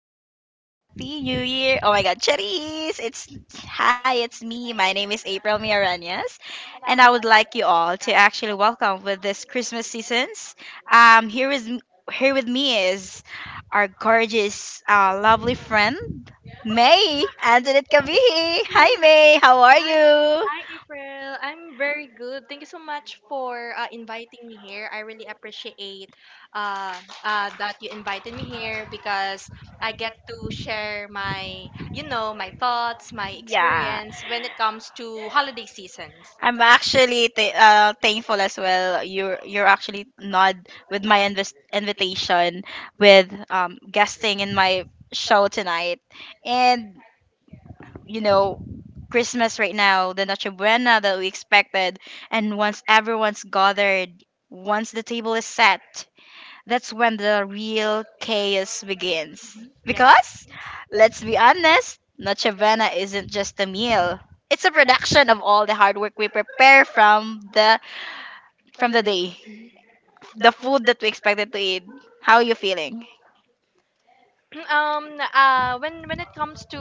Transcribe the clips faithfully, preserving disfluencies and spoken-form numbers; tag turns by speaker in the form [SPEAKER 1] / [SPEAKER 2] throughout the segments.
[SPEAKER 1] Christmas and Happy New Year! Oh my God, Cherise! It's hi, it's me. My name is April Miarañas, and I would like you all to actually welcome with this Christmas seasons. Um, here is here with me is our gorgeous, uh, lovely friend May Antoinette Kabihi. Hi, May. How are
[SPEAKER 2] Hi,
[SPEAKER 1] you?
[SPEAKER 2] hi, April. I'm very good. Thank you so much for uh, inviting me here. I really appreciate uh, uh, that you invited me here because I get to share my, you know, my thoughts, my
[SPEAKER 1] Yeah.
[SPEAKER 2] experience when it comes to holiday seasons.
[SPEAKER 1] I'm actually th- uh, thankful as well. You're you're actually nod with my invis- invitation with um, guesting in my show tonight, and you know Christmas right now, the Noche Buena that we expected, and once everyone's gathered, once the table is set, that's when the real chaos begins. Because, let's be honest, Noche Buena isn't just a meal. It's a production of all the hard work we prepare from the from the day. The food that we expected to eat. How are you feeling?
[SPEAKER 2] um uh when when it comes to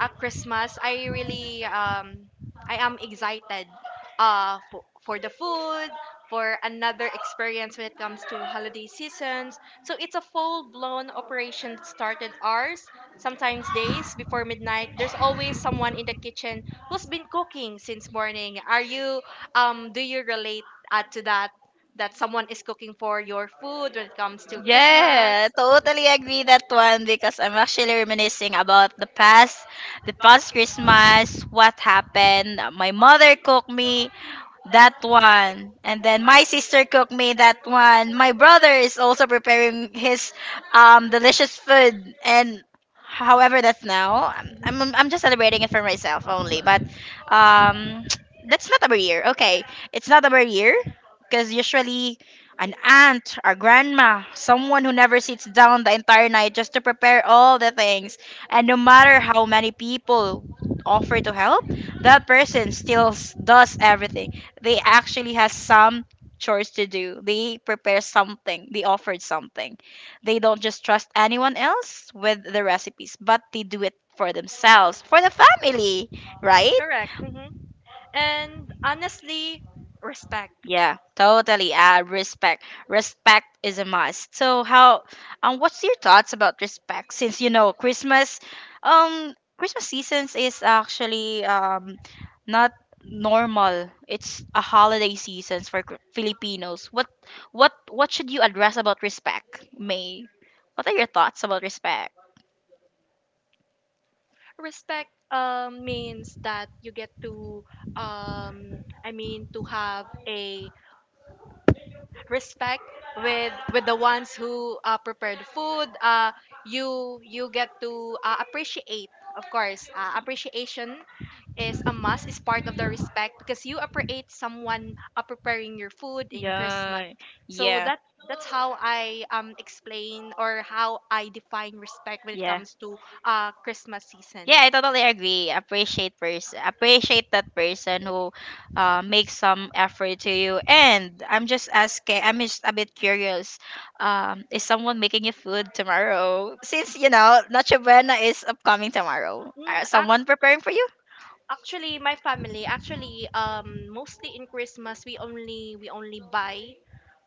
[SPEAKER 2] uh, Christmas, I really um I am excited uh for, for the food, for another experience when it comes to holiday seasons. So it's a full-blown operation that started hours, sometimes days, before midnight. There's always someone in the kitchen who's been cooking since morning. Are you — um do you relate, uh, to that, that someone is cooking for your food when it comes to...
[SPEAKER 1] Yeah, totally agree that one because I'm actually reminiscing about the past, the past Christmas, what happened. My mother cooked me that one. And then my sister cooked me that one. My brother is also preparing his um delicious food, and however, that's now. I'm I'm,
[SPEAKER 2] Mhm.
[SPEAKER 1] I'm just celebrating it for myself only, but um that's not our year. Okay. It's not our year because usually an aunt, our grandma, someone who never sits down the entire night just to prepare all the things, and no matter how many people offer to help, that person still s- does everything. They actually has some chores to do. They prepare something. They offered something. They don't just trust anyone else with the recipes, but they do it for themselves, for the family, right?
[SPEAKER 2] Correct. Mhm. And honestly, respect.
[SPEAKER 1] Yeah, totally. Uh, respect. Respect is a must. So how um What's your thoughts about respect? Since you know Christmas, um Christmas seasons is actually um not normal. It's a holiday seasons for Cr- Filipinos. What what what should you address about respect, May? What are your thoughts about respect?
[SPEAKER 2] Respect, um, means that you get to, um, I mean, to have a respect with with the ones who uh, prepared food. Uh, you you get to, uh, appreciate, of course. Uh, appreciation is a must. Is part of the respect because you appreciate someone uh, preparing your food in Christmas.
[SPEAKER 1] Yeah. Yeah.
[SPEAKER 2] that that's how I um explain, or how I define respect when it
[SPEAKER 1] Yeah.
[SPEAKER 2] comes to uh Christmas season.
[SPEAKER 1] Yeah, I totally agree. Appreciate person, appreciate that person who uh, makes some effort to you. And I'm just asking, I'm just a bit curious. Um, is someone making you food tomorrow? Since you know Noche Buena is upcoming tomorrow, are someone preparing for you?
[SPEAKER 2] Actually, my family actually, um mostly in Christmas, we only we only buy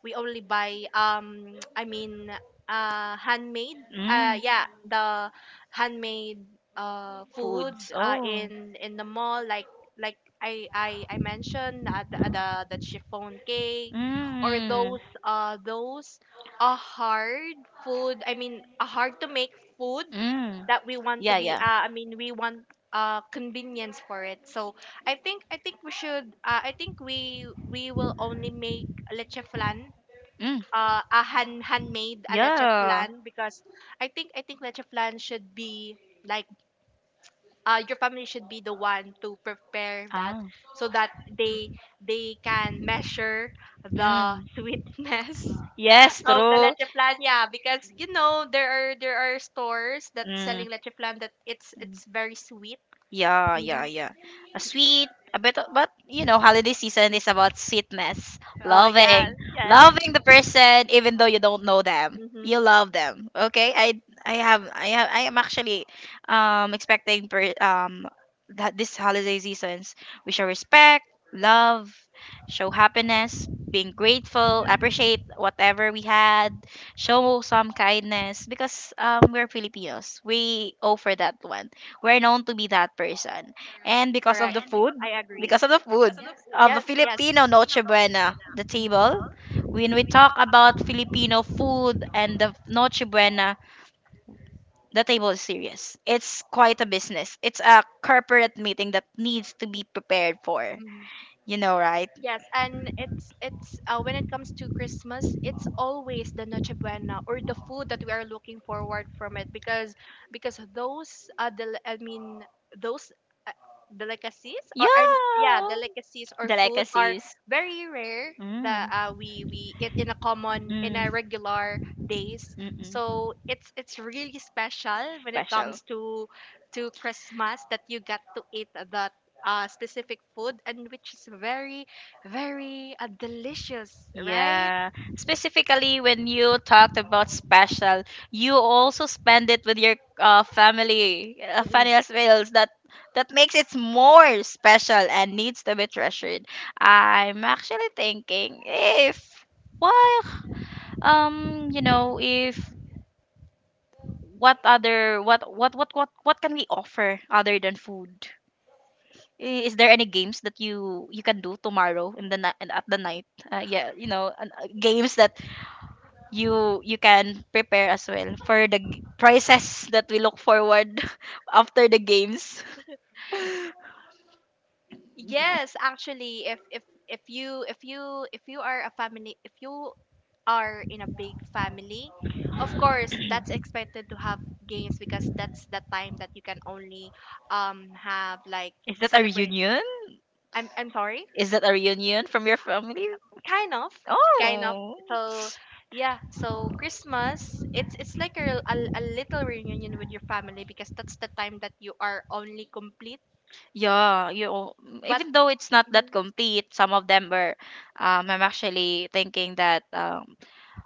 [SPEAKER 2] we only buy um I mean, uh handmade — uh
[SPEAKER 1] Mm,
[SPEAKER 2] yeah, the handmade uh food,
[SPEAKER 1] foods.
[SPEAKER 2] uh
[SPEAKER 1] Oh.
[SPEAKER 2] in in the mall, like, like I I I mentioned, uh, the, the the chiffon cake, or
[SPEAKER 1] Mm.
[SPEAKER 2] those uh those a hard food, I mean, a hard to make food
[SPEAKER 1] Mm.
[SPEAKER 2] that we want to —
[SPEAKER 1] Yeah,
[SPEAKER 2] yeah, be,
[SPEAKER 1] yeah.
[SPEAKER 2] yeah. uh, I mean, we want uh convenience for it, so i think i think we should, uh, I think we we will only make leche flan,
[SPEAKER 1] Mm.
[SPEAKER 2] uh a hand handmade alan, because i think i think leche flan should be, like uh, your family should be the one to prepare that,
[SPEAKER 1] Ah.
[SPEAKER 2] so that they they can measure the
[SPEAKER 1] Mm.
[SPEAKER 2] sweetness.
[SPEAKER 1] Yes,
[SPEAKER 2] The
[SPEAKER 1] true.
[SPEAKER 2] leche flan, yeah, because you know there are there are stores
[SPEAKER 1] Mm.
[SPEAKER 2] selling leche flan that it's
[SPEAKER 1] Mm.
[SPEAKER 2] it's very sweet.
[SPEAKER 1] Yeah, yeah,
[SPEAKER 2] Hmm.
[SPEAKER 1] yeah. A sweet, a bit, of, but you know, holiday season is about sweetness,
[SPEAKER 2] It.
[SPEAKER 1] loving,
[SPEAKER 2] Yes.
[SPEAKER 1] loving the person even though you don't know them. You
[SPEAKER 2] Hmm.
[SPEAKER 1] love them, okay? I I have I have I am actually um expecting per, um that this holiday seasons we show respect, love, show happiness, being grateful, appreciate whatever we had, show some kindness because um we're Filipinos. We offer that one, we're known to be that person.
[SPEAKER 2] Correct.
[SPEAKER 1] And because of the food, because of the food
[SPEAKER 2] Yes.
[SPEAKER 1] of the Filipino Noche Buena, the
[SPEAKER 2] Mhm.
[SPEAKER 1] table, when we talk about Filipino food and the Noche Buena, the table is serious. It's quite a business. It's a corporate meeting that needs to be prepared for.
[SPEAKER 2] Mhm.
[SPEAKER 1] You know, right?
[SPEAKER 2] Yes, and it's it's uh, when it comes to Christmas, it's always the Noche Buena or the food that we are looking forward from it, because because those uh, del- I mean those uh, delicacies are, yeah,
[SPEAKER 1] Yeah.
[SPEAKER 2] delicacies, or are
[SPEAKER 1] Delicacies.
[SPEAKER 2] very rare
[SPEAKER 1] Mm.
[SPEAKER 2] that uh, we we eat in a common, in our
[SPEAKER 1] Mm.
[SPEAKER 2] regular days.
[SPEAKER 1] Mm-mm.
[SPEAKER 2] So it's it's really special when it
[SPEAKER 1] Special.
[SPEAKER 2] comes to to Christmas, that you get to eat that uh, specific food, and which is very very uh, delicious.
[SPEAKER 1] Yeah, specifically when you talked about special, you also spend it with your uh, family, uh, family as well. That that makes it more special and needs to be treasured. I'm actually thinking if, well, um, you know, if what other what what what what what can we offer other than food? I- Is there any games that you you can do tomorrow in the night at the night? Uh, yeah, you know, an- uh, games that you you can prepare as well for the g- prizes that we look forward after the games. Is
[SPEAKER 2] Yes, actually, if if if you if you if you are a family if you are in a big family, of course that's expected to have games, because that's the time that you can only um have, like,
[SPEAKER 1] is that a reunion?
[SPEAKER 2] i'm i'm sorry,
[SPEAKER 1] Is that a reunion from your family?
[SPEAKER 2] kind of kind of
[SPEAKER 1] Oh.
[SPEAKER 2] So yeah, so Christmas, it's it's like a, a, a little reunion with your family, because that's the time that you are only complete,
[SPEAKER 1] Yeah, you know,
[SPEAKER 2] but...
[SPEAKER 1] even though it's not that complete, some of them were um I'm actually thinking that um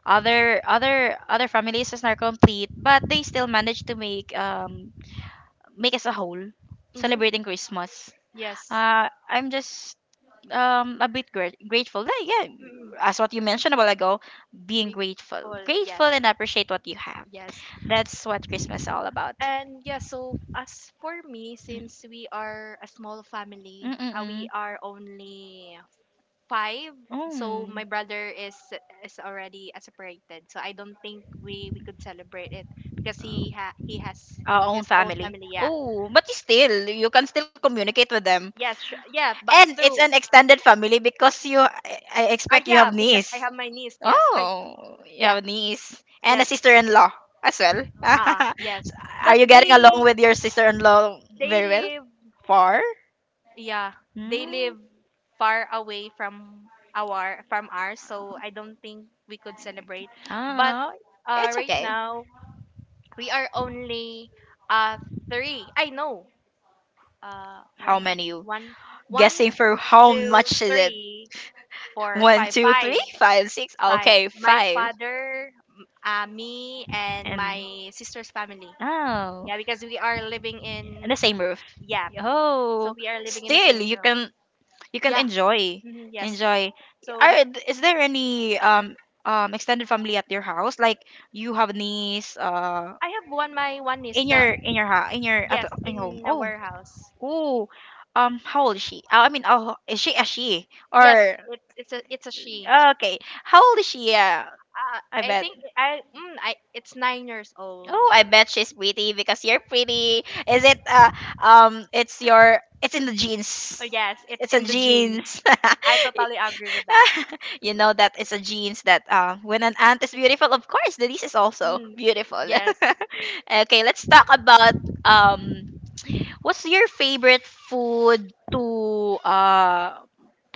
[SPEAKER 1] other other other families is not complete, but they still managed to make um make us a whole celebrating Christmas.
[SPEAKER 2] Yes.
[SPEAKER 1] Uh, I'm just um a bit grat- grateful, like, yeah,
[SPEAKER 2] Mm,
[SPEAKER 1] as what you mentioned a while ago, being grateful grateful and appreciate what you have.
[SPEAKER 2] yes.
[SPEAKER 1] That's what Christmas is all about.
[SPEAKER 2] And yeah, so as for me, since we are a small
[SPEAKER 1] Mm,
[SPEAKER 2] family,
[SPEAKER 1] mm, mm,
[SPEAKER 2] uh, we
[SPEAKER 1] mm.
[SPEAKER 2] are only five. So
[SPEAKER 1] Mm.
[SPEAKER 2] my brother is is already uh, separated, so i don't think we we could celebrate it, because
[SPEAKER 1] Uh,
[SPEAKER 2] he ha he has
[SPEAKER 1] our own family.
[SPEAKER 2] family, yeah.
[SPEAKER 1] Oh, but you still you can still communicate with them.
[SPEAKER 2] Yes. Yeah, sure, yeah, but...
[SPEAKER 1] And it's an extended family because you, I, I expect you have niece.
[SPEAKER 2] I have my niece.
[SPEAKER 1] Oh, you have niece and a sister-in-law as well.
[SPEAKER 2] Uh, yes.
[SPEAKER 1] Are you getting along with your sister-in-law very well?
[SPEAKER 2] They —
[SPEAKER 1] Far?
[SPEAKER 2] yeah, they live
[SPEAKER 1] Mm,
[SPEAKER 2] far away from our from ours, so I don't think we could celebrate. But
[SPEAKER 1] ah,
[SPEAKER 2] uh,
[SPEAKER 1] it's
[SPEAKER 2] right
[SPEAKER 1] okay.
[SPEAKER 2] now we are only uh three. I know. Uh,
[SPEAKER 1] How many you?
[SPEAKER 2] one,
[SPEAKER 1] Guessing for how much is it?
[SPEAKER 2] three, four.
[SPEAKER 1] One, two, three, five, six. Okay,
[SPEAKER 2] My
[SPEAKER 1] five.
[SPEAKER 2] father, m- uh, me, and
[SPEAKER 1] And
[SPEAKER 2] my sister's family.
[SPEAKER 1] oh.
[SPEAKER 2] Yeah, because we are living
[SPEAKER 1] In
[SPEAKER 2] in —
[SPEAKER 1] the same roof.
[SPEAKER 2] yeah. So
[SPEAKER 1] Oh,
[SPEAKER 2] we are...
[SPEAKER 1] still you can you can enjoy
[SPEAKER 2] hmm.
[SPEAKER 1] enjoy.
[SPEAKER 2] So
[SPEAKER 1] Are is there any um um extended family at your house? Like you have niece uh
[SPEAKER 2] I have one, my one is
[SPEAKER 1] in your in your house in your at in your home.
[SPEAKER 2] in
[SPEAKER 1] Oh,
[SPEAKER 2] our house.
[SPEAKER 1] oh. Um, how old is she? Uh, I mean, oh, is she a she or
[SPEAKER 2] It, it's a it's a she.
[SPEAKER 1] okay? How old is she? Yeah,
[SPEAKER 2] Uh,
[SPEAKER 1] I
[SPEAKER 2] I
[SPEAKER 1] bet.
[SPEAKER 2] I mm, I it's nine years old.
[SPEAKER 1] Oh, I bet she's pretty because you're pretty. Is it uh um it's your it's in the
[SPEAKER 2] So
[SPEAKER 1] jeans.
[SPEAKER 2] yes, it's
[SPEAKER 1] It's a
[SPEAKER 2] gene? Gene.
[SPEAKER 1] jeans.
[SPEAKER 2] I totally agree with that.
[SPEAKER 1] You know that it's a jeans that uh when an aunt is beautiful, of course the niece is also beautiful. Okay, let's talk about um what's your favorite food to uh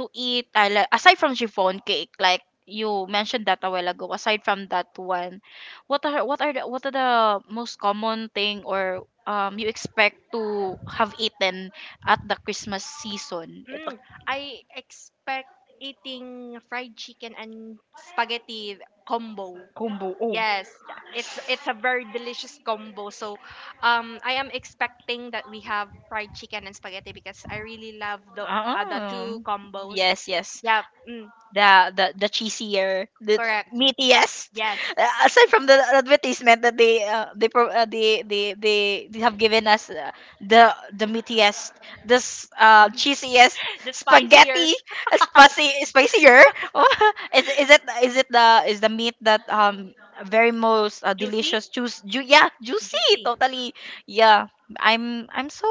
[SPEAKER 1] to eat, uh, like, aside from chiffon cake? Like you mentioned that a while ago. Aside from that one, what are what are the, what are the most common thing or um you expect to have eaten at the Christmas season? At the
[SPEAKER 2] Mm, I expect eating fried chicken and spaghetti combo.
[SPEAKER 1] combo. Oh.
[SPEAKER 2] Yes, it's it's a very delicious combo. So, um, I am expecting that we have fried chicken and spaghetti, because I really love those uh, the
[SPEAKER 1] Oh.
[SPEAKER 2] two combos.
[SPEAKER 1] Yes, yes.
[SPEAKER 2] Yeah, mm,
[SPEAKER 1] The the the cheesier, the
[SPEAKER 2] correct.
[SPEAKER 1] meatiest.
[SPEAKER 2] Yes,
[SPEAKER 1] Uh, aside from the advertisement that they uh, they, pro- uh, they they they they have given us, uh, the the meatiest, the s- uh, cheesiest
[SPEAKER 2] the spicier,
[SPEAKER 1] spaghetti, uh, spicy spicier. Oh, is is it is it the is the meat that um very most, uh,
[SPEAKER 2] juicy,
[SPEAKER 1] delicious, juice ju- yeah, juicy,
[SPEAKER 2] juicy.
[SPEAKER 1] totally, yeah. I'm i'm so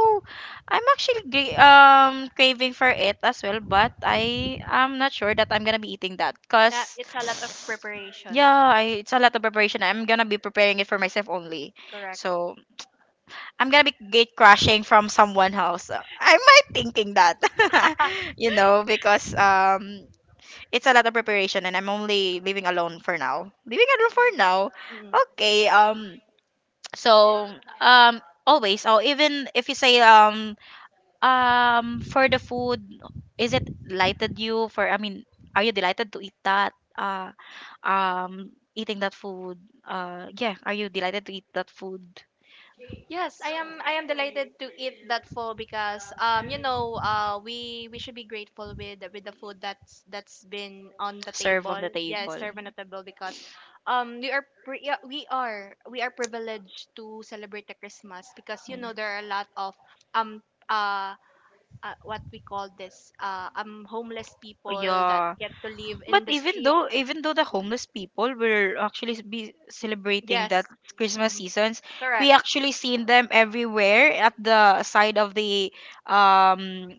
[SPEAKER 1] I'm actually gra- um craving for it as well, but I am not sure that I'm gonna be eating that,
[SPEAKER 2] Yeah,
[SPEAKER 1] cause
[SPEAKER 2] it's a lot of preparation.
[SPEAKER 1] yeah, I, it's a lot of preparation. I'm gonna be preparing it for myself only,
[SPEAKER 2] Correct.
[SPEAKER 1] so I'm gonna be gate crashing from someone else. Uh, I might thinking that, you know, because um it's a lot of preparation, and I'm only living alone for now. Living alone for now,
[SPEAKER 2] Mm.
[SPEAKER 1] okay. Um, so um always, oh even if you say um um, for the food, is it delighted you for I mean, are you delighted to eat that? Uh, um, eating that food. Uh, yeah, are you delighted to eat that food?
[SPEAKER 2] Yes, to that full, because um you know uh we we should be grateful with with the food that's that's been on the
[SPEAKER 1] Serve
[SPEAKER 2] table.
[SPEAKER 1] on the
[SPEAKER 2] Yeah,
[SPEAKER 1] table.
[SPEAKER 2] served on the table, because um we are pri- yeah, we are we are privileged to celebrate the Christmas, because you
[SPEAKER 1] Yeah.
[SPEAKER 2] know there are a lot of um uh, uh what we call this, uh um homeless
[SPEAKER 1] Oh,
[SPEAKER 2] people
[SPEAKER 1] yeah.
[SPEAKER 2] get to live.
[SPEAKER 1] But even though even though the homeless people were actually s- be celebrating that, yes, Christmas seasons, we
[SPEAKER 2] Correct.
[SPEAKER 1] actually seen them everywhere at the side of the um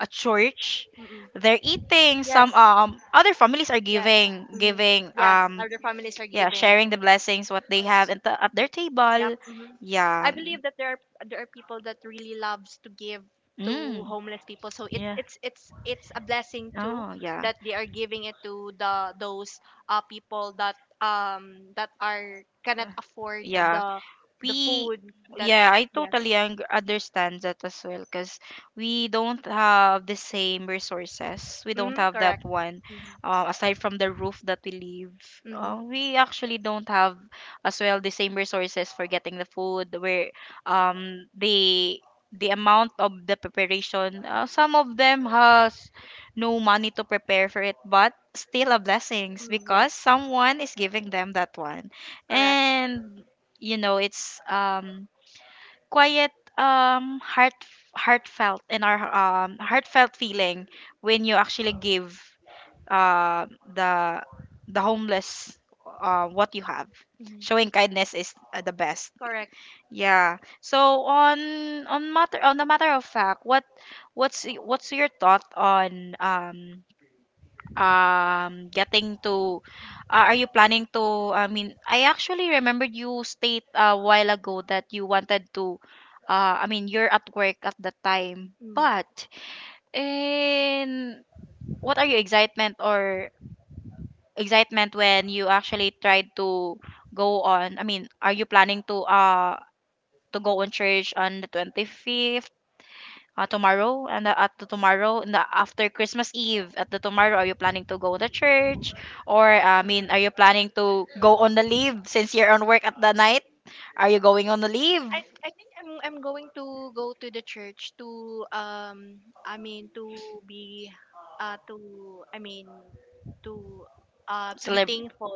[SPEAKER 1] a church.
[SPEAKER 2] Mm-mm.
[SPEAKER 1] They're eating some, yes, um other families are giving giving, yes. Um,
[SPEAKER 2] Other families are...
[SPEAKER 1] yeah, sharing the blessings what they have at, the, at their
[SPEAKER 2] yep.
[SPEAKER 1] table.
[SPEAKER 2] Hmm. I
[SPEAKER 1] Yeah. Believe.
[SPEAKER 2] believe that there are there are people that really loves to give to
[SPEAKER 1] Mm.
[SPEAKER 2] homeless people. So it's
[SPEAKER 1] Yeah.
[SPEAKER 2] it's it's it's a blessing too,
[SPEAKER 1] Oh yeah.
[SPEAKER 2] that they are giving it to the those uh people, that um that are cannot
[SPEAKER 1] Uh,
[SPEAKER 2] afford
[SPEAKER 1] yeah.
[SPEAKER 2] the
[SPEAKER 1] We
[SPEAKER 2] food.
[SPEAKER 1] yeah, i
[SPEAKER 2] Yeah.
[SPEAKER 1] totally un- understand that as well because we don't have the same resources, we don't have that one, uh, aside from the roof that we live,
[SPEAKER 2] Mm-hmm.
[SPEAKER 1] uh, we actually don't have as well the same resources for getting the food, where um the the amount of the preparation, uh, some of them has no money to prepare for it, but still a blessings
[SPEAKER 2] Mm.
[SPEAKER 1] because someone is giving them that one. And you know it's um quiet, um heart heartfelt, and our um heartfelt feeling when you actually give uh the the homeless uh what you have.
[SPEAKER 2] Hmm.
[SPEAKER 1] Showing kindness is, uh, the best.
[SPEAKER 2] Correct.
[SPEAKER 1] Yeah, so on on matter on the matter of fact, what what's y- what's your thought on um um getting to uh, are you planning to, I mean, I actually remembered you state a while ago that you wanted to uh I mean you're at work at the time, but in what are your excitement or excitement when you actually tried to go on, I mean, are you planning to uh to go on church on the twenty-fifth, uh, tomorrow? And, uh, at the tomorrow in the after Christmas Eve, at the tomorrow, are you planning to go to church, or uh, I mean, are you planning to go on the leave since you're on work at the night, are you going on the leave?
[SPEAKER 2] I, I I'm I'm going to go to the church, to, um I mean to be, uh to I mean to uh
[SPEAKER 1] Celeb-
[SPEAKER 2] thankful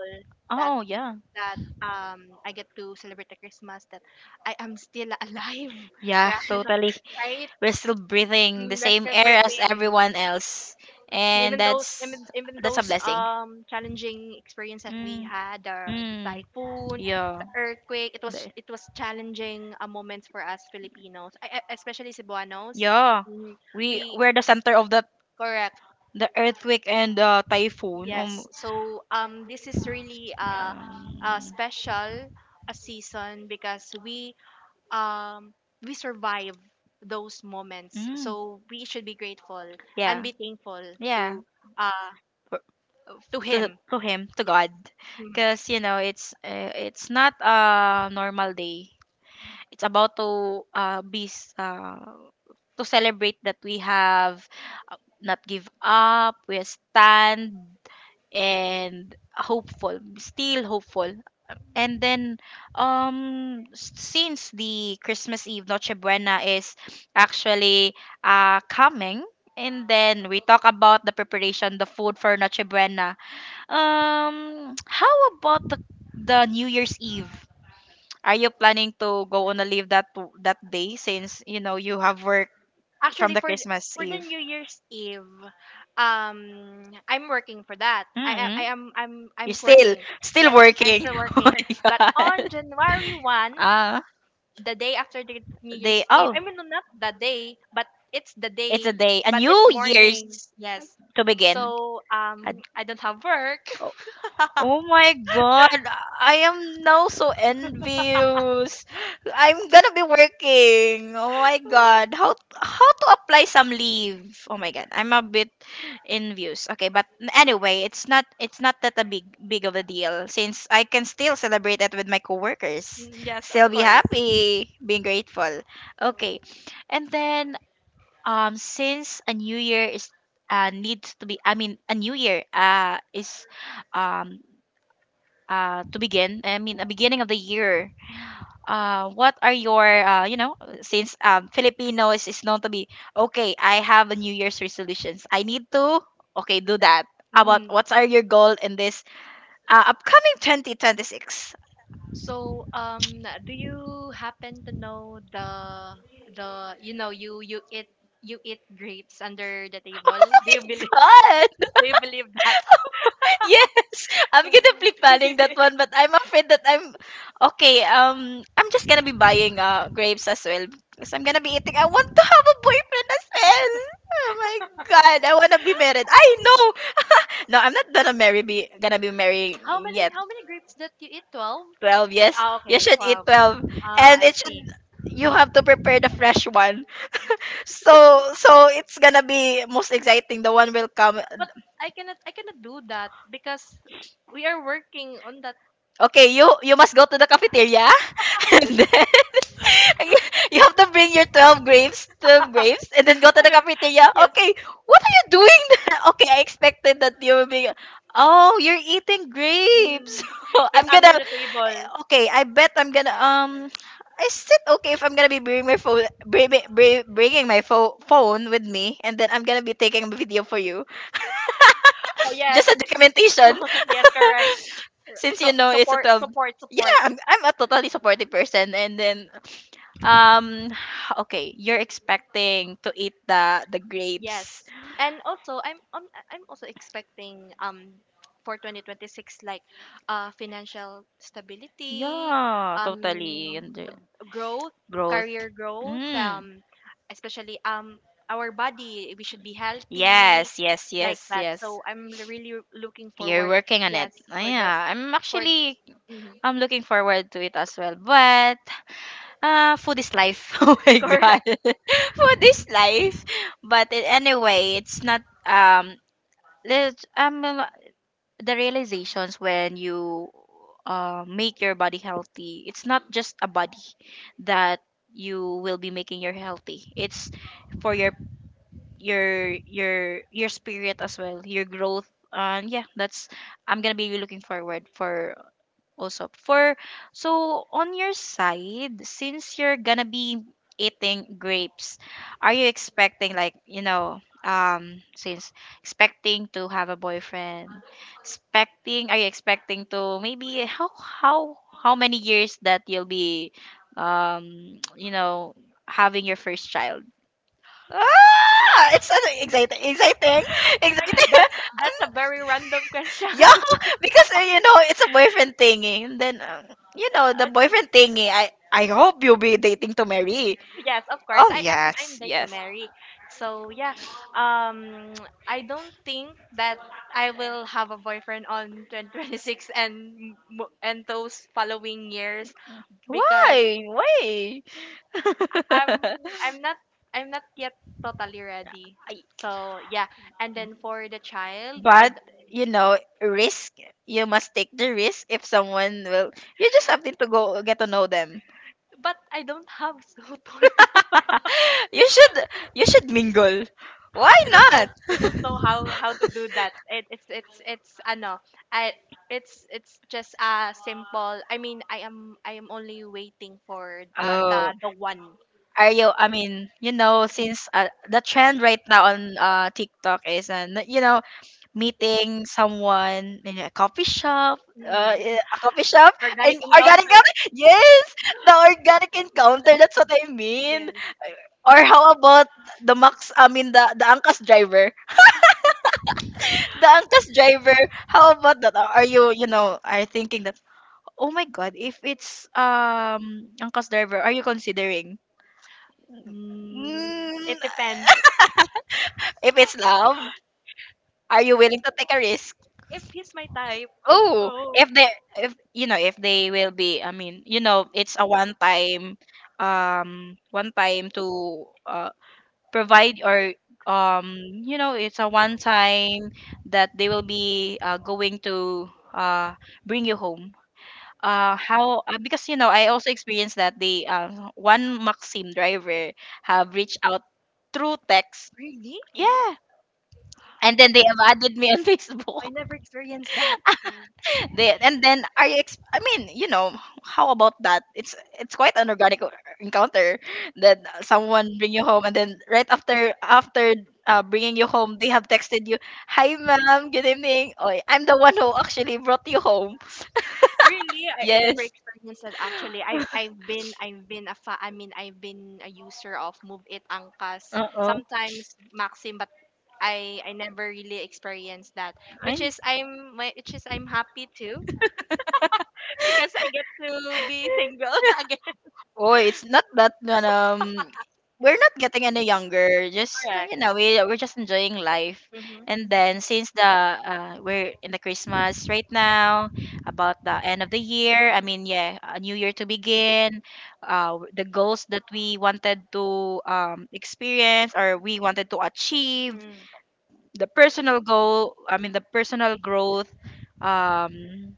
[SPEAKER 1] oh yeah,
[SPEAKER 2] that um I get to celebrate the Christmas, that I am still alive.
[SPEAKER 1] yeah,
[SPEAKER 2] Right.
[SPEAKER 1] totally,
[SPEAKER 2] Right.
[SPEAKER 1] we're still breathing the
[SPEAKER 2] Mm.
[SPEAKER 1] same air as everyone else, and
[SPEAKER 2] Those —
[SPEAKER 1] that's
[SPEAKER 2] even, even
[SPEAKER 1] that's a
[SPEAKER 2] those
[SPEAKER 1] blessing.
[SPEAKER 2] um challenging experience that we
[SPEAKER 1] Mm,
[SPEAKER 2] had. The
[SPEAKER 1] mm,
[SPEAKER 2] typhoon,
[SPEAKER 1] yeah.
[SPEAKER 2] earthquake, it was
[SPEAKER 1] The-
[SPEAKER 2] it was challenging uh, moments for us Filipinos, I, I- especially Cebuanos.
[SPEAKER 1] yeah.
[SPEAKER 2] Mhm.
[SPEAKER 1] We we're the center of the
[SPEAKER 2] Correct.
[SPEAKER 1] the earthquake and the typhoon. Um,
[SPEAKER 2] Yes, so, um, this is really a, a
[SPEAKER 1] um,
[SPEAKER 2] special a season, because we, um, we survive those moments.
[SPEAKER 1] mm,
[SPEAKER 2] So we should be grateful and
[SPEAKER 1] yeah,
[SPEAKER 2] be thankful,
[SPEAKER 1] yeah.
[SPEAKER 2] uh,
[SPEAKER 1] For-
[SPEAKER 2] to
[SPEAKER 1] To
[SPEAKER 2] him.
[SPEAKER 1] to him, to God, because you know it's, uh, it's not a normal day. It's about to uh, be s- uh, to celebrate that we have not give up, we stand and hopeful, still hopeful. And then, um, s- since the Christmas Eve Noche Buena is actually uh, coming, and then we talk about the preparation, the food for Noche Buena. Um, how about the the New Year's Eve? Are you planning to go on a leave that that day since you know you have work from
[SPEAKER 2] Actually,
[SPEAKER 1] the Christmas
[SPEAKER 2] for the
[SPEAKER 1] Eve?
[SPEAKER 2] New Year's Eve, um, I'm working for that. I
[SPEAKER 1] Mm-hmm.
[SPEAKER 2] am I'm
[SPEAKER 1] You're
[SPEAKER 2] I'm
[SPEAKER 1] still still working.
[SPEAKER 2] still
[SPEAKER 1] Oh
[SPEAKER 2] working,
[SPEAKER 1] my
[SPEAKER 2] but on
[SPEAKER 1] god.
[SPEAKER 2] January one,
[SPEAKER 1] Ah.
[SPEAKER 2] the day after the New —
[SPEAKER 1] Day oh,
[SPEAKER 2] I mean, no, not the day, but it's the —
[SPEAKER 1] it's
[SPEAKER 2] It's a
[SPEAKER 1] a
[SPEAKER 2] day.
[SPEAKER 1] day, a new year's
[SPEAKER 2] Yes.
[SPEAKER 1] to begin.
[SPEAKER 2] So, um, I don't have work.
[SPEAKER 1] Oh my god, I am now so envious. I'm gonna be working. Oh my god, how how to apply some leave? Oh my god, I'm a bit envious. Okay, but anyway, it's not it's not that a big big of a deal since I can still celebrate it with my coworkers.
[SPEAKER 2] Mm. Yes.
[SPEAKER 1] Still be happy, be grateful. Okay, and then um since a new year is uh, needs to be I mean a new year uh is um uh, to begin. I mean, the beginning of the year. Uh, what are your, uh, you know, since um, Filipinos is is known to be okay. I have a New Year's resolutions. I need to okay do that. About what's are your goal in this uh, upcoming two thousand twenty-six?
[SPEAKER 2] So, um, do you happen to know the — the you know you you eat you eat grapes under the
[SPEAKER 1] Oh
[SPEAKER 2] table? Do you
[SPEAKER 1] my
[SPEAKER 2] believe?
[SPEAKER 1] God!
[SPEAKER 2] Do you believe that?
[SPEAKER 1] Yes, I'm gonna be planning that one, but I'm afraid that I'm okay. Um, I'm just gonna be buying uh grapes as well because I'm gonna be eating. I want to have a boyfriend as well. Oh my god, I wanna be married. I know. No, I'm not gonna marry. Be gonna be married
[SPEAKER 2] how many
[SPEAKER 1] yet.
[SPEAKER 2] how many grapes that you eat? Twelve.
[SPEAKER 1] Twelve, yes.
[SPEAKER 2] Ah.
[SPEAKER 1] You should eat
[SPEAKER 2] You.
[SPEAKER 1] twelve,
[SPEAKER 2] Ah.
[SPEAKER 1] and it should. You have to prepare the fresh one. So, so it's gonna be most exciting. The one will come.
[SPEAKER 2] But I cannot I cannot do that, because we are working on that.
[SPEAKER 1] Okay, you you must go to the cafeteria. And then you have to bring your twelve grapes, twelve grapes, and then go to the cafeteria. Okay, what are you doing there? Okay, I expected that you will be, oh, you're eating grapes.
[SPEAKER 2] Oh, that
[SPEAKER 1] I'm gonna,
[SPEAKER 2] table.
[SPEAKER 1] okay, I bet I'm gonna, um, is it okay if I'm gonna be bringing my phone, bringing, bringing my pho- phone with me, and then I'm gonna be taking a video for you?
[SPEAKER 2] Oh, yes.
[SPEAKER 1] Just a documentation,
[SPEAKER 2] Yes, correct.
[SPEAKER 1] since you know it's a
[SPEAKER 2] Support.
[SPEAKER 1] twelve.
[SPEAKER 2] Yeah.
[SPEAKER 1] Yeah, I'm, I'm a totally supportive person, and then Um, okay, you're expecting to eat the the grapes.
[SPEAKER 2] And also I'm I'm, I'm also expecting, um for twenty twenty-six, like uh financial stability,
[SPEAKER 1] Yeah, totally. And the
[SPEAKER 2] growth,
[SPEAKER 1] growth.
[SPEAKER 2] career growth,
[SPEAKER 1] Mm.
[SPEAKER 2] um especially, um our body, we should be healthy,
[SPEAKER 1] Yes, yes,
[SPEAKER 2] like...
[SPEAKER 1] yes, yes.
[SPEAKER 2] So I'm l- really looking.
[SPEAKER 1] You're working on it.
[SPEAKER 2] Yes.
[SPEAKER 1] Ah, yeah, I'm actually
[SPEAKER 2] Actually,
[SPEAKER 1] I'm looking forward to it as well. But uh, food is life. Oh my god, food is life. But it, anyway, it's not um. Let us um. The realizations when you uh, make your body healthy, it's not just a body that you will be making your healthy, it's for your your your your spirit as well, your growth. And yeah, that's I'm gonna be looking forward for, also for, so on your side since you're gonna be eating grapes. Are you expecting, like, you know, um since expecting to have a boyfriend, expecting, are you expecting to maybe how how how many years that you'll be um you know, having your first child? Ah, it's so exciting, exciting. Exciting.
[SPEAKER 2] that's that's a very random question.
[SPEAKER 1] Yeah, because uh, you know it's a boyfriend thingy. And then uh,
[SPEAKER 2] You
[SPEAKER 1] you
[SPEAKER 2] know.
[SPEAKER 1] know, the boyfriend thingy. I I hope you'll be dating to marry.
[SPEAKER 2] Yes, of course. Oh,
[SPEAKER 1] Oh
[SPEAKER 2] I am — yeah, I'm
[SPEAKER 1] yes,
[SPEAKER 2] date to — yeah.
[SPEAKER 1] yes.
[SPEAKER 2] Marry. So yeah, um, I don't think that I will have a boyfriend on twenty twenty-six, and mo- and those following years.
[SPEAKER 1] Why? Why?
[SPEAKER 2] I'm I'm not I'm not yet totally ready.
[SPEAKER 1] I-
[SPEAKER 2] So yeah, and then for the child,
[SPEAKER 1] but you know, risk. You must take the risk if someone will. You just have to go get to know them.
[SPEAKER 2] but I don't have suitor.
[SPEAKER 1] you should you should mingle. Why
[SPEAKER 2] Know
[SPEAKER 1] not?
[SPEAKER 2] I don't know how how to do that. It, it's it's it's Ano. I it's it's just a small. I mean, I am I am only waiting for, uh,
[SPEAKER 1] Oh.
[SPEAKER 2] the one.
[SPEAKER 1] Are you? I mean, you know, since uh, the trend right now on uh, TikTok is, uh, n- you know, meeting someone in a coffee shop, uh, i- a coffee shop, and
[SPEAKER 2] Organic.
[SPEAKER 1] organic encounter. Yes, the organic encounter. That's what I mean.
[SPEAKER 2] Yes.
[SPEAKER 1] Or how about the Max? I mean, the the Angkas driver. The Angkas driver. How about that? Uh, Are you, you know, are thinking that? Oh my God! If it's um Angkas driver, are you considering?
[SPEAKER 2] Mm, it
[SPEAKER 1] Mm,
[SPEAKER 2] depends.
[SPEAKER 1] if it's love. Are you willing to take a risk?
[SPEAKER 2] If he's my type.
[SPEAKER 1] Oh, if they, if you know if they will be, I mean, you know, it's a one time, um, one time to uh, provide or um, you know, it's a one time that they will be uh, going to uh bring you home. Uh, how uh, because you know I also experienced that the uh, one Maxim driver have reached out through text.
[SPEAKER 2] Really?
[SPEAKER 1] Yeah, and then they have added me on Facebook.
[SPEAKER 2] I never experienced that.
[SPEAKER 1] They, and then I ex- I mean, you know, how about that? It's it's quite an organic o- encounter that someone bring you home and then right after after uh, bringing you home, they have texted you, "Hi, ma'am. Good evening. Oy, I'm the one who actually brought you home."
[SPEAKER 2] Really, I, I
[SPEAKER 1] Yes.
[SPEAKER 2] never experienced that. Actually, I I've been I've been a fa- I mean I've been a user of Move It Angkas,
[SPEAKER 1] Uh-oh.
[SPEAKER 2] sometimes maxim, but I I never really experienced that, which is I'm my- which is I'm happy too, because I get to be single again.
[SPEAKER 1] Oh, it's not that that, um we're not getting any younger. Just uh,
[SPEAKER 2] Correct.
[SPEAKER 1] you know, we we're just enjoying life.
[SPEAKER 2] Hmm.
[SPEAKER 1] And then since the uh, we're in the Christmas right now, about the end of the year. I mean, yeah, a new year to begin. Uh, the goals that we wanted to um experience or we wanted to achieve,
[SPEAKER 2] Mm.
[SPEAKER 1] the personal goal. I mean, the personal growth. Um,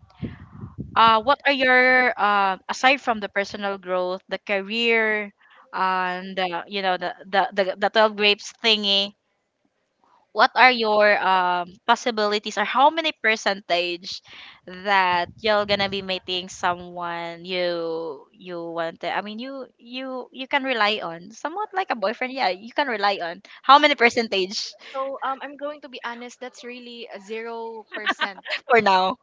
[SPEAKER 1] uh, what are your uh, aside from the personal growth, the career, and uh, you know the the the, the twelve grapes thingy? What are your um, possibilities, or how many percentage that you're gonna be meeting someone you you want? to- I mean, you you you can rely on somewhat like a boyfriend. Yeah, you can rely on how many percentage
[SPEAKER 2] So, um, I'm going to be honest. That's really a zero percent
[SPEAKER 1] for now?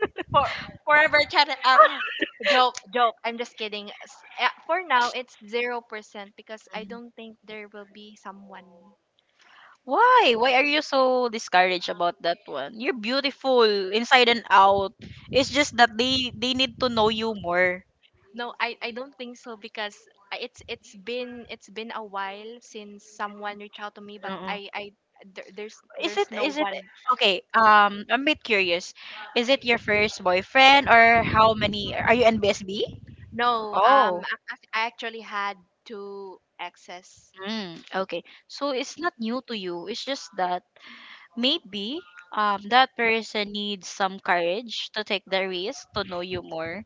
[SPEAKER 2] for forever chat. Uh, joke, joke. I'm just kidding. S- uh, For now, it's zero percent, because I don't think there will be someone...
[SPEAKER 1] Why? Why are you so discouraged about that one? You're beautiful inside and out. It's just that they they need to know you more.
[SPEAKER 2] No, I, I don't think so, because I- it's it's been it's been a while since someone reached out to me, but
[SPEAKER 1] Mm-mm.
[SPEAKER 2] I I there, there's
[SPEAKER 1] Is it is it okay? Um, I'm a bit curious. Is it your first boyfriend or how many? Are you N B S B?
[SPEAKER 2] no... um,
[SPEAKER 1] Oh,
[SPEAKER 2] I, I actually had two exes.
[SPEAKER 1] mm, okay. So it's not new to you. It's just that maybe um that person needs some courage to take the risk to know you more.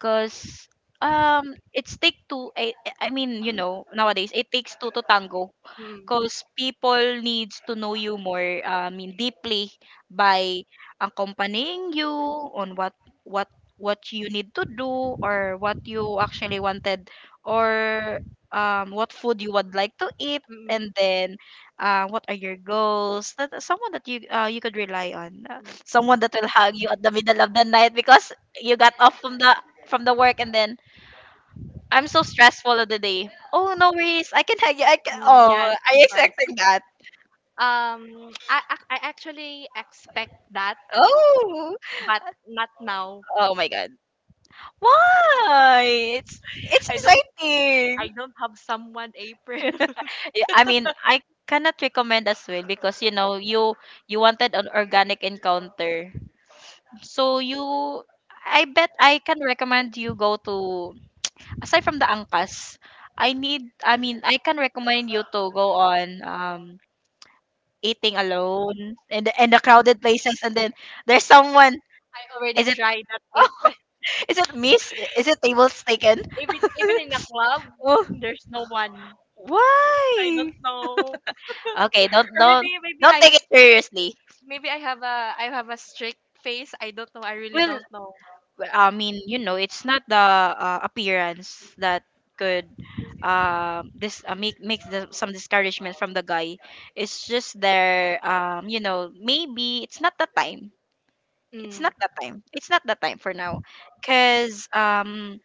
[SPEAKER 1] Cause um it's take two I, I mean, you know, nowadays it takes two to tango.
[SPEAKER 2] Mm.
[SPEAKER 1] 'Cause people needs to know you more, uh, I mean, deeply by accompanying you on what what what you need to do or what you actually wanted or, um, what food you would like to eat,
[SPEAKER 2] Mm.
[SPEAKER 1] and then, uh, what are your goals, that someone that you, uh, you could rely on, uh, someone that will hug you at the middle of the night because you got off from the from the work, and then, "I'm so stressful of the day." "Oh, no worries, I can hug you, I can." Oh,
[SPEAKER 2] Yes.
[SPEAKER 1] are you expecting that?
[SPEAKER 2] Um, I ac- I actually expect that,
[SPEAKER 1] Oh!
[SPEAKER 2] but not now.
[SPEAKER 1] Oh my god. Why? It's it's
[SPEAKER 2] I don't
[SPEAKER 1] exciting.
[SPEAKER 2] I don't have someone, April.
[SPEAKER 1] Yeah, I mean, I cannot recommend as well because you know you you wanted an organic encounter. So you, I bet I can recommend you go to aside from the Angkas. I need. I mean, I can recommend you to go on um eating alone and the in the crowded places, and then there's
[SPEAKER 2] Someone
[SPEAKER 1] someone.
[SPEAKER 2] already
[SPEAKER 1] Is it?
[SPEAKER 2] tried that, April.
[SPEAKER 1] Is it Miss? Is it tables taken?
[SPEAKER 2] Even even in a club,
[SPEAKER 1] Oh,
[SPEAKER 2] there's no one. I don't
[SPEAKER 1] why?
[SPEAKER 2] know.
[SPEAKER 1] Okay, don't
[SPEAKER 2] Or maybe
[SPEAKER 1] don't
[SPEAKER 2] maybe
[SPEAKER 1] don't
[SPEAKER 2] I think
[SPEAKER 1] take it
[SPEAKER 2] I it
[SPEAKER 1] seriously.
[SPEAKER 2] maybe I have a I have a strict face. I don't know. I really
[SPEAKER 1] Well,
[SPEAKER 2] don't know.
[SPEAKER 1] well, I mean, you know, it's not the uh, appearance that could uh, this uh, make make the, some discouragement from the guy. It's just their um, you know, maybe it's not the time. It's
[SPEAKER 2] Mm.
[SPEAKER 1] not the time. It's not the time for now, cause um,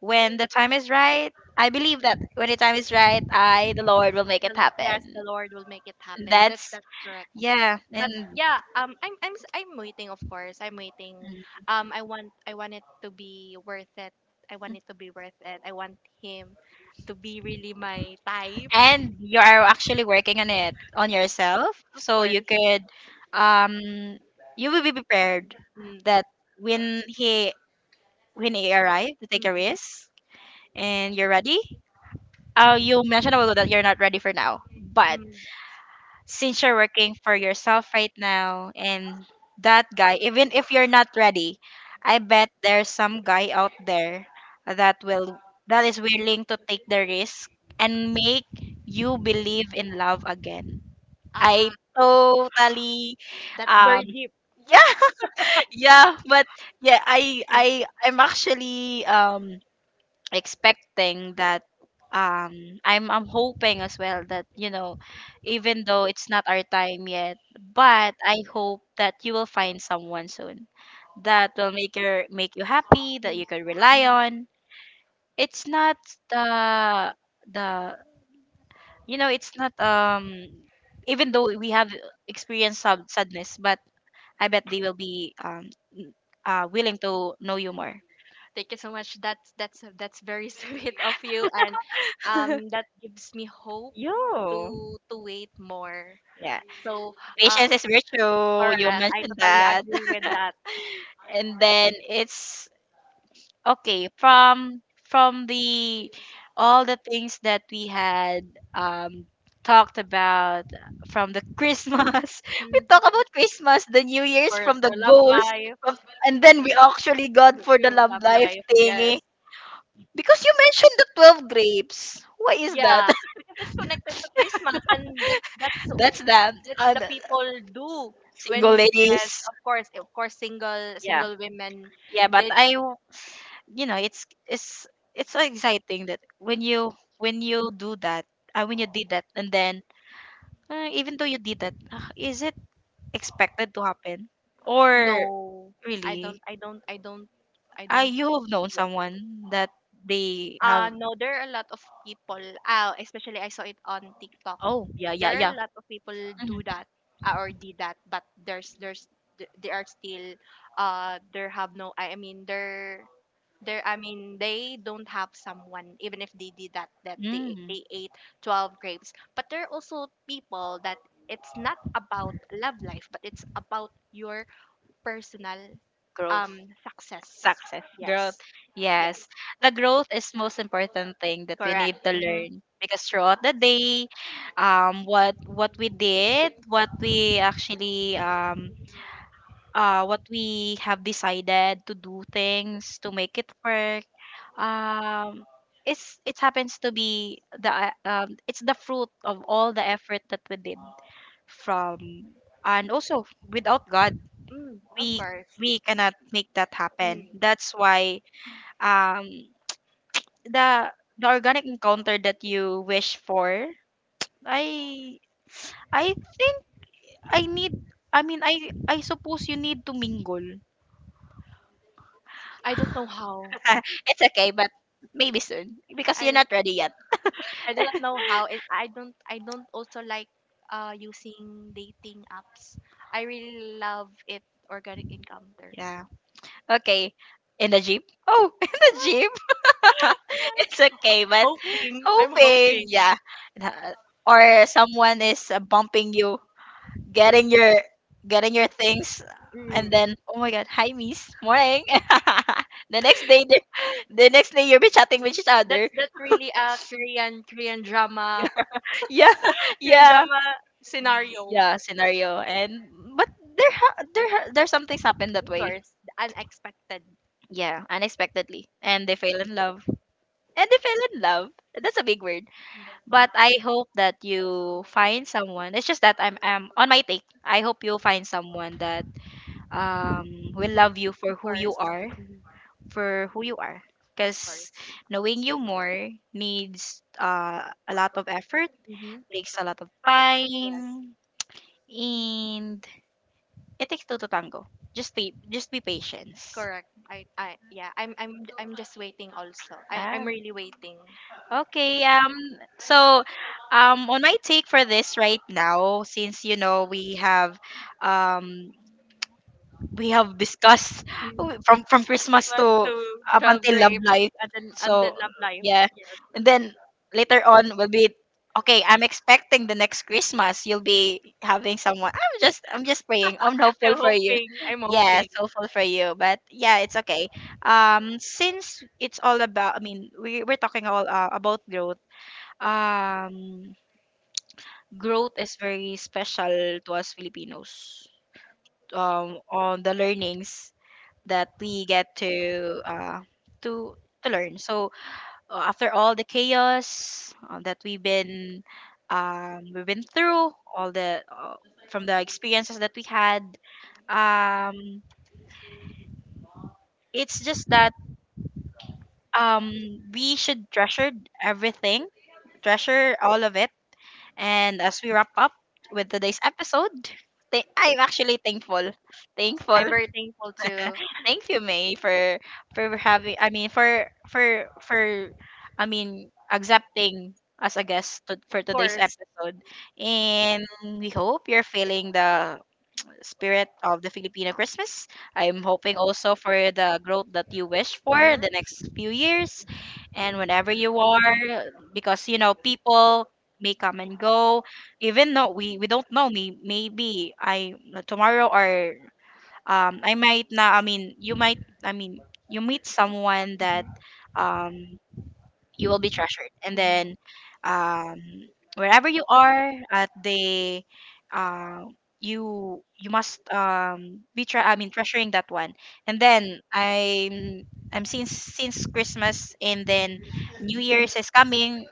[SPEAKER 1] when the time is right, I believe that when the time is right, I, the Lord, will make it happen.
[SPEAKER 2] Yes, the Lord will make it happen. That's
[SPEAKER 1] That's
[SPEAKER 2] that's correct.
[SPEAKER 1] yeah,
[SPEAKER 2] But
[SPEAKER 1] and.
[SPEAKER 2] yeah, um, I'm I'm s- I'm waiting. Of course, I'm waiting. Um, I want I want it to be worth it. I want it to be worth it. I want him to be really my type.
[SPEAKER 1] And you are actually working on it on yourself so you could um you will be prepared
[SPEAKER 2] Mm.
[SPEAKER 1] that when he when he arrive to take a risk and you're ready. Uh you mentioned a while ago that you're not ready for now, but
[SPEAKER 2] Mm.
[SPEAKER 1] since you're working for yourself right now, and that guy, even if you're not ready, I bet there's some guy out there that will, that is willing to take the risk and make you believe in love again. I
[SPEAKER 2] Ah,
[SPEAKER 1] totally
[SPEAKER 2] that's
[SPEAKER 1] um
[SPEAKER 2] very deep.
[SPEAKER 1] yeah, yeah, but yeah, I I I'm actually um expecting that um I'm I'm hoping as well that you know, even though it's not our time yet, but I hope that you will find someone soon that will make your make you happy, that
[SPEAKER 2] Mm.
[SPEAKER 1] you can rely on. It's not the the you know, it's not um even though we have experienced sad- sadness, but I bet they will be um n- uh willing to know you more.
[SPEAKER 2] Thank you so much. That's that's that's very sweet of you, and, um, that gives me hope
[SPEAKER 1] Yo.
[SPEAKER 2] to to wait more.
[SPEAKER 1] Yeah.
[SPEAKER 2] So
[SPEAKER 1] Patience is virtue.
[SPEAKER 2] correct.
[SPEAKER 1] You mentioned that.
[SPEAKER 2] Agree that.
[SPEAKER 1] And then it's okay. from from the all the things that we had um talked about, from the Christmas. We talk about Christmas, the New Year's, from the goals,
[SPEAKER 2] Life.
[SPEAKER 1] from, and then we actually got for the love life thingy. Because you mentioned the twelve grapes. Why is that?
[SPEAKER 2] Yeah, because it's connected to Christmas, and that's that's
[SPEAKER 1] That's the
[SPEAKER 2] that's
[SPEAKER 1] um,
[SPEAKER 2] the people do.
[SPEAKER 1] single
[SPEAKER 2] Yes,
[SPEAKER 1] ladies.
[SPEAKER 2] of course. Of course, single
[SPEAKER 1] Yeah.
[SPEAKER 2] single women.
[SPEAKER 1] Yeah, but I, w- you know, it's it's it's so exciting that when you when you do that, uh, when you did that, and then uh, even though you did that, uh, is it expected to happen, or
[SPEAKER 2] No. Don't
[SPEAKER 1] really,
[SPEAKER 2] I don't I don't I
[SPEAKER 1] uh, you have known someone that they
[SPEAKER 2] uh
[SPEAKER 1] have?
[SPEAKER 2] No, there are a lot of people. Ah, especially I saw it on TikTok.
[SPEAKER 1] Oh, yeah, yeah,
[SPEAKER 2] A
[SPEAKER 1] yeah.
[SPEAKER 2] lot of people
[SPEAKER 1] Mm-hmm.
[SPEAKER 2] do that, uh, or did that, but there's there's th- they are still, uh they have no I I mean they're they're I mean they don't have someone, even if they did that that, they
[SPEAKER 1] Mm,
[SPEAKER 2] they ate twelve grapes. But there are also people that — it's not about love life, but it's about your personal,
[SPEAKER 1] growth.
[SPEAKER 2] um, success.
[SPEAKER 1] Success, growth. Yes. The growth is most important thing that we need to learn because throughout the day, um, what what we did, what we actually um, uh, what we have decided to do things to make it work. Um, it's it happens to be the uh, um, it's the fruit of all the effort that we did from and also without God,
[SPEAKER 2] Mm.
[SPEAKER 1] we we cannot make that happen.
[SPEAKER 2] Mm.
[SPEAKER 1] That's why um the the organic encounter that you wish for i I think i need i mean i i suppose you need to mingle.
[SPEAKER 2] I don't know how.
[SPEAKER 1] it's okay, but maybe soon because you're not ready yet.
[SPEAKER 2] I do not know how it I don't I don't also like uh using dating apps. I really love it, organic encounter.
[SPEAKER 1] Yeah, okay, in the jeep. Oh, in the jeep. it's okay, but
[SPEAKER 2] Hoping.
[SPEAKER 1] hoping, yeah. Uh, or someone is uh, bumping you, getting your getting your things and
[SPEAKER 2] Mm.
[SPEAKER 1] then, oh my god, hi miss morning. the next day the, the next day you'll be chatting with each other.
[SPEAKER 2] That's really a Korean Korean drama
[SPEAKER 1] yeah,
[SPEAKER 2] Korean
[SPEAKER 1] yeah,
[SPEAKER 2] drama scenario.
[SPEAKER 1] yeah, scenario. And but there ha- there ha- there something's happened that way.
[SPEAKER 2] Unexpected.
[SPEAKER 1] Yeah, unexpectedly, and they fell in love and they fell in love that's a big word, but I hope that you find someone. It's just that i'm, I'm on my take, I hope you find someone that um will love you for who you are for who you are, because
[SPEAKER 2] Mm-hmm.
[SPEAKER 1] knowing you more needs uh, a lot of effort, takes a lot of time, and it takes two to tango. Just be just be patient.
[SPEAKER 2] Correct. I I Yeah, I'm I'm just waiting also. I'm I'm
[SPEAKER 1] Ah,
[SPEAKER 2] really waiting.
[SPEAKER 1] okay. um so um on my take for this right now, since you know, we have um we have discussed from from Christmas to up
[SPEAKER 2] To,
[SPEAKER 1] until love life.
[SPEAKER 2] and
[SPEAKER 1] So
[SPEAKER 2] then love life.
[SPEAKER 1] yeah, and then later on will be okay. I'm expecting the next Christmas you'll be having someone. I'm just I'm just praying. I'm hopeful
[SPEAKER 2] I'm
[SPEAKER 1] for you.
[SPEAKER 2] hoping. I'm...
[SPEAKER 1] Yes, hopeful for you. But yeah, it's okay. Um, since it's all about, I mean, we we're talking all uh, about growth. Um, growth is very special to us Filipinos. Um, on the learnings that we get to uh, to to learn. So uh, after all the chaos uh, that we've been um, we've been through, all the uh, from the experiences that we had, um, it's just that um, we should treasure everything, treasure all of it. And as we wrap up with today's episode, th- I'm actually thankful, thankful.
[SPEAKER 2] Very thankful to.
[SPEAKER 1] Thank you, May, for for having. I mean, for for for. I mean, accepting as a guest to, for today's episode, and we hope you're feeling the spirit of the Filipino Christmas. I'm hoping also for the growth that you wish for the next few years, and whenever you are, because you know people may come and go even though we we don't know. Me maybe I Tomorrow or um I might not, I mean, you might I mean, you meet someone that um you will be treasured, and then um wherever you are at the uh you you must um be tre- I mean treasuring that one. And then I'm I'm since since Christmas, and then New Year's is coming,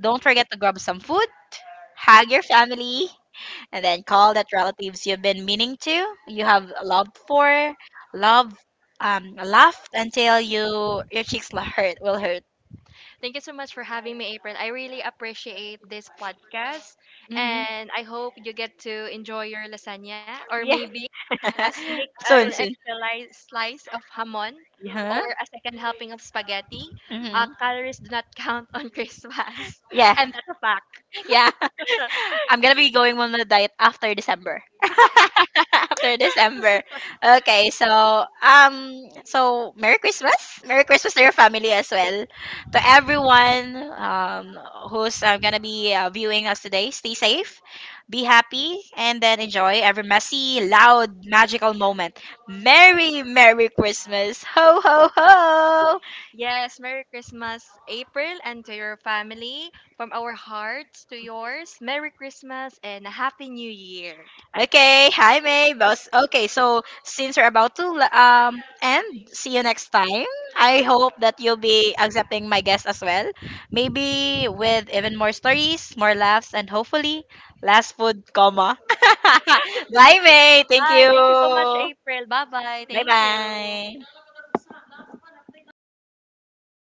[SPEAKER 1] don't forget to grab some food, hug your family, and then call that relatives you've been meaning to, you have loved for, love, um, laughed until you your cheeks la- hurt will hurt.
[SPEAKER 2] Thank you so much for having me, April. I really appreciate this podcast,
[SPEAKER 1] Hmm.
[SPEAKER 2] and I hope you get to enjoy your lasagna, or
[SPEAKER 1] Yeah,
[SPEAKER 2] maybe a sneak, or an
[SPEAKER 1] soon, soon.
[SPEAKER 2] extra li- slice of hamon,
[SPEAKER 1] Yeah.
[SPEAKER 2] or a second helping of spaghetti. Uh,
[SPEAKER 1] Hmm.
[SPEAKER 2] calories do not count on Christmas,
[SPEAKER 1] Yeah,
[SPEAKER 2] and that's a fact.
[SPEAKER 1] yeah. I'm gonna be going on a diet after December. after December. Okay, so um so Merry Christmas. Merry Christmas to your family as well. To everyone um who's uh, gonna be uh, viewing us today, stay safe, be happy, and then enjoy every messy, loud, magical moment. Merry Merry Christmas. Ho ho ho.
[SPEAKER 2] Yes, Merry Christmas, April, and to your family. From our hearts to yours, Merry Christmas and a Happy New Year.
[SPEAKER 1] Okay, hi May. Boss. Okay, so since we're about to um end, see you next time. I hope that you'll be accepting my guest as well. Maybe with even more stories, more laughs, and hopefully last food, comma. bye May. Thank
[SPEAKER 2] Bye.
[SPEAKER 1] you.
[SPEAKER 2] Thank you so much, April. Bye-bye.
[SPEAKER 1] Bye
[SPEAKER 2] Thank you.
[SPEAKER 1] bye.